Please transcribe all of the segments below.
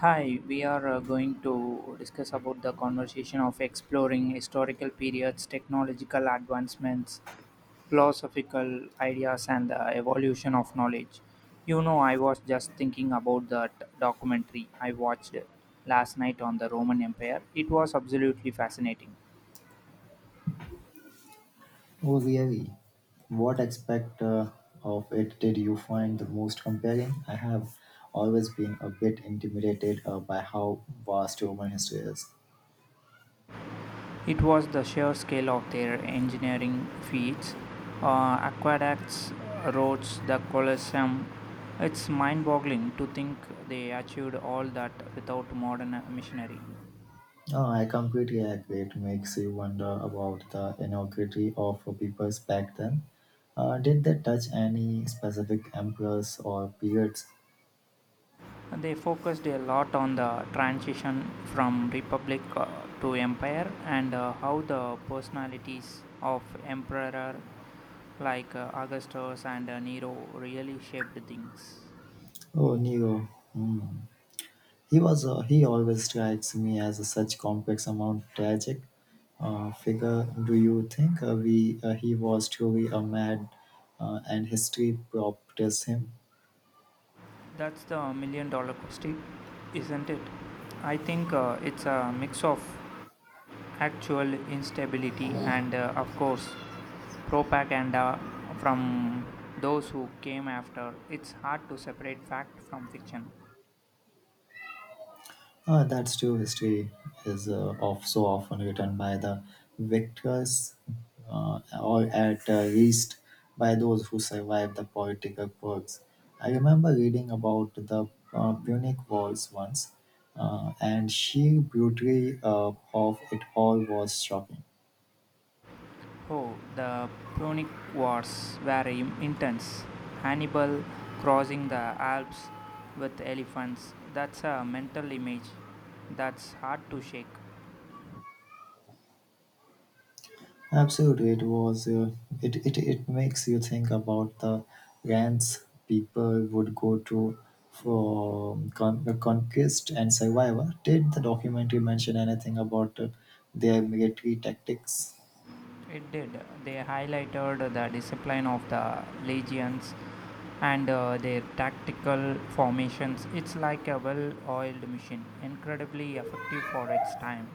Hi, we are going to discuss about the conversation of exploring historical periods, technological advancements, philosophical ideas, and the evolution of knowledge. You know, I was just thinking about that documentary I watched last night on the Roman Empire. It was absolutely fascinating. Oh, really? What aspect of it did you find the most compelling? I have always been a bit intimidated by how vast human history is. It was the sheer scale of their engineering feats, aqueducts, roads, the Colosseum. It's mind boggling to think they achieved all that without modern machinery. No, I completely agree. It makes you wonder about the inequality of peoples back then. Did they touch any specific emperors or periods? They focused a lot on the transition from republic to empire, and how the personalities of emperor like Augustus and Nero really shaped things. Oh, Nero. Hmm. He always strikes me as a such complex amount tragic figure. Do you think we he was truly a mad and history prop him? That's the $1 million question, isn't it? I think it's a mix of actual instability and, of course, propaganda from those who came after. It's hard to separate fact from fiction. That's true. History is of so often written by the victors, or at least by those who survived the political perks. I remember reading about the Punic Wars once, and sheer brutally of it all was shocking. Oh, the Punic Wars were intense. Hannibal crossing the Alps with elephants. That's a mental image that's hard to shake. Absolutely, it was. It makes you think about the lands people would go to for the conquest and survival. Did the documentary mention anything about their military tactics? It did. They highlighted the discipline of the legions and their tactical formations. It's like a well oiled machine, incredibly effective for its time.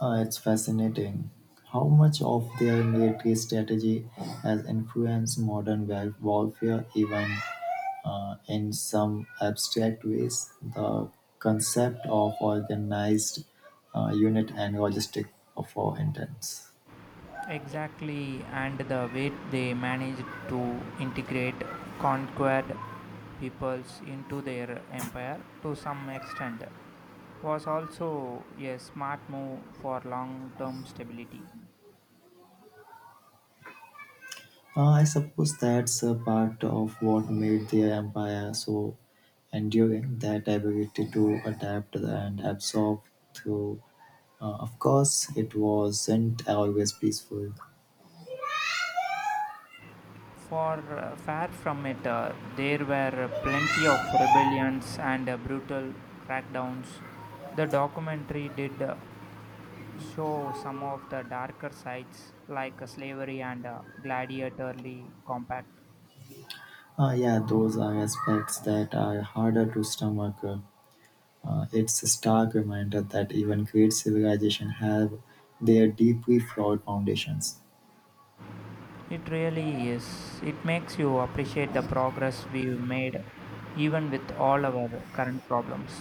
It's fascinating how much of their military strategy has influenced modern warfare, even in some abstract ways, the concept of organized unit and logistic for intents. Exactly, and the way they managed to integrate conquered peoples into their empire to some extent was also a smart move for long term stability. I suppose that's a part of what made their empire so enduring, that ability to adapt and absorb through. Of course, it wasn't always peaceful. Far far from it, there were plenty of rebellions and brutal crackdowns. The documentary did show some of the darker sides, like slavery and gladiatorly compact. Yeah, those are aspects that are harder to stomach. It's a stark reminder that even great civilizations have their deeply flawed foundations. It really is. It makes you appreciate the progress we've made, even with all our current problems.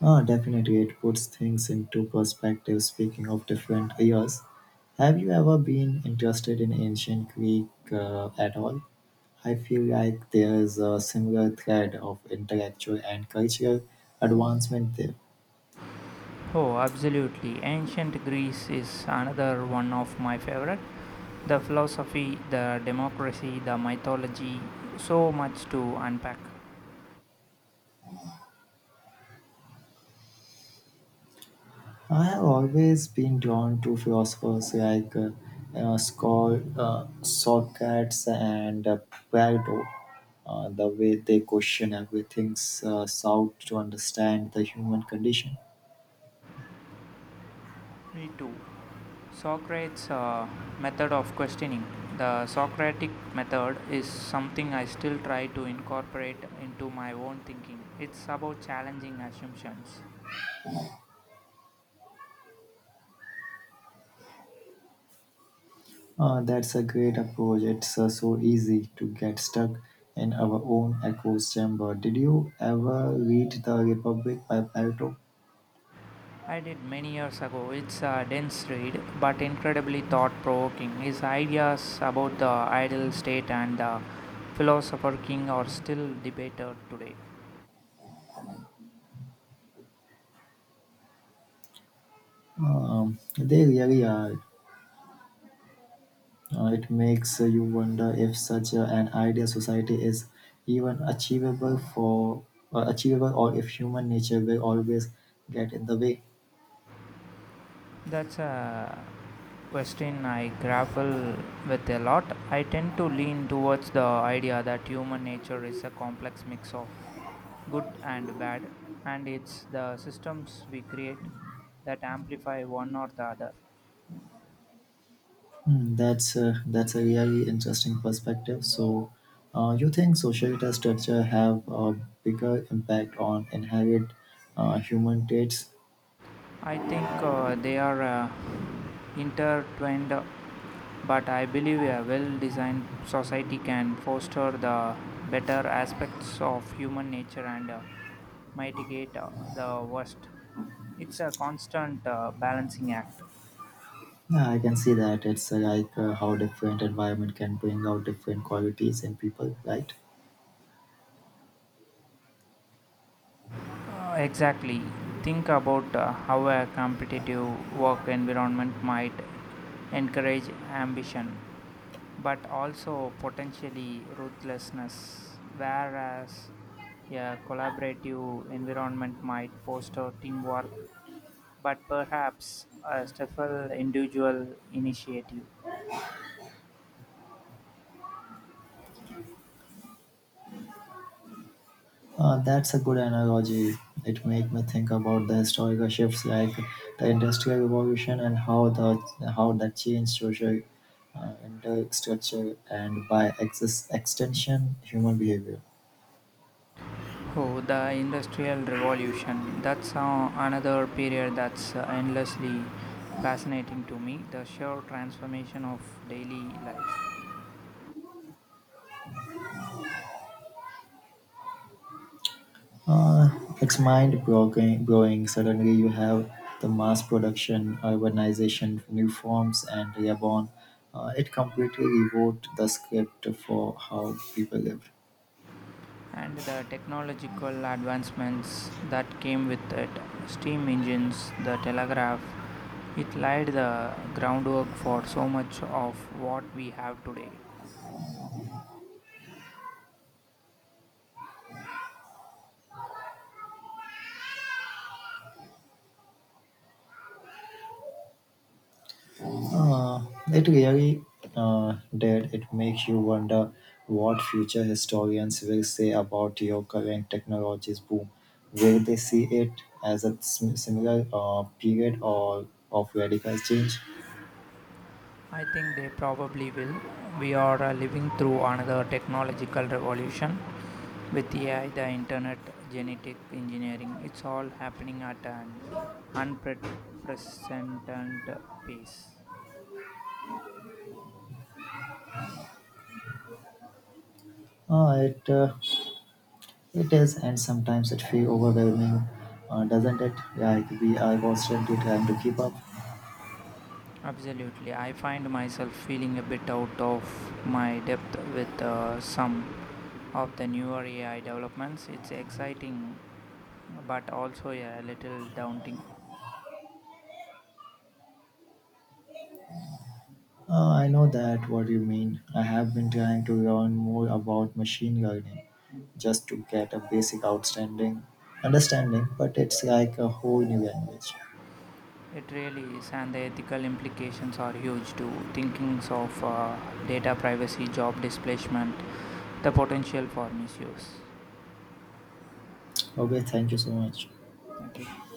Ah, definitely, it puts things into perspective. Speaking of different eras, have you ever been interested in ancient Greek at all? I feel like there's a similar thread of intellectual and cultural advancement there. Oh, absolutely. Ancient Greece is another one of my favorite. The philosophy, the democracy, the mythology, so much to unpack. I have always been drawn to philosophers like Socrates and Plato. The way they question everything sought to understand the human condition. Me too. Socrates' method of questioning. The Socratic method is something I still try to incorporate into my own thinking. It's about challenging assumptions. That's a great approach. It's so easy to get stuck in our own echo chamber. Did you ever read The Republic by Plato? I did many years ago. It's a dense read, but incredibly thought provoking. His ideas about the ideal state and the philosopher king are still debated today. They really are. It makes you wonder if an ideal society is even achievable for achievable, or if human nature will always get in the way. That's a question I grapple with a lot. I tend to lean towards the idea that human nature is a complex mix of good and bad, and it's the systems we create that amplify one or the other. Hmm, that's a really interesting perspective. So, you think social data structure have a bigger impact on inherent human traits? I think they are intertwined, but I believe a well designed society can foster the better aspects of human nature and mitigate the worst. It's a constant balancing act. Yeah, I can see that. It's like how different environment can bring out different qualities in people, right? Exactly. Think about how a competitive work environment might encourage ambition but also potentially ruthlessness, whereas a collaborative environment might foster teamwork but perhaps a stifle individual initiative. That's a good analogy. It made me think about the historical shifts, like the industrial revolution, and how that changed social infrastructure and, by excess extension, human behavior. Oh, the Industrial Revolution. That's another period that's endlessly fascinating to me. The sheer transformation of daily life Uh, it's mind blowing. Suddenly, you have the mass production, urbanization, new forms, and reborn. It completely rewrote the script for how people live. and the technological advancements that came with it. Steam engines, the telegraph, it laid the groundwork for so much of what we have today. Uh, it really did. It makes you wonder what future historians will say about your current technologies boom. Will they see it as a similar period or of radical change? I think they probably will. We are living through another technological revolution with AI, the internet, genetic engineering. It's all happening at an unprecedented pace. Uh, it uh, it is, and sometimes it feels overwhelming, doesn't it? Like we are constantly trying to keep up. Absolutely. I find myself feeling a bit out of my depth with some of the newer AI developments. It's exciting but also a little daunting. I know that what you mean. I have been trying to learn more about machine learning just to get a basic outstanding understanding, but it's like a whole new language. It really is, and the ethical implications are huge too. Thinkings of data privacy, job displacement, the potential for misuse. Okay, thank you so much. Thank you.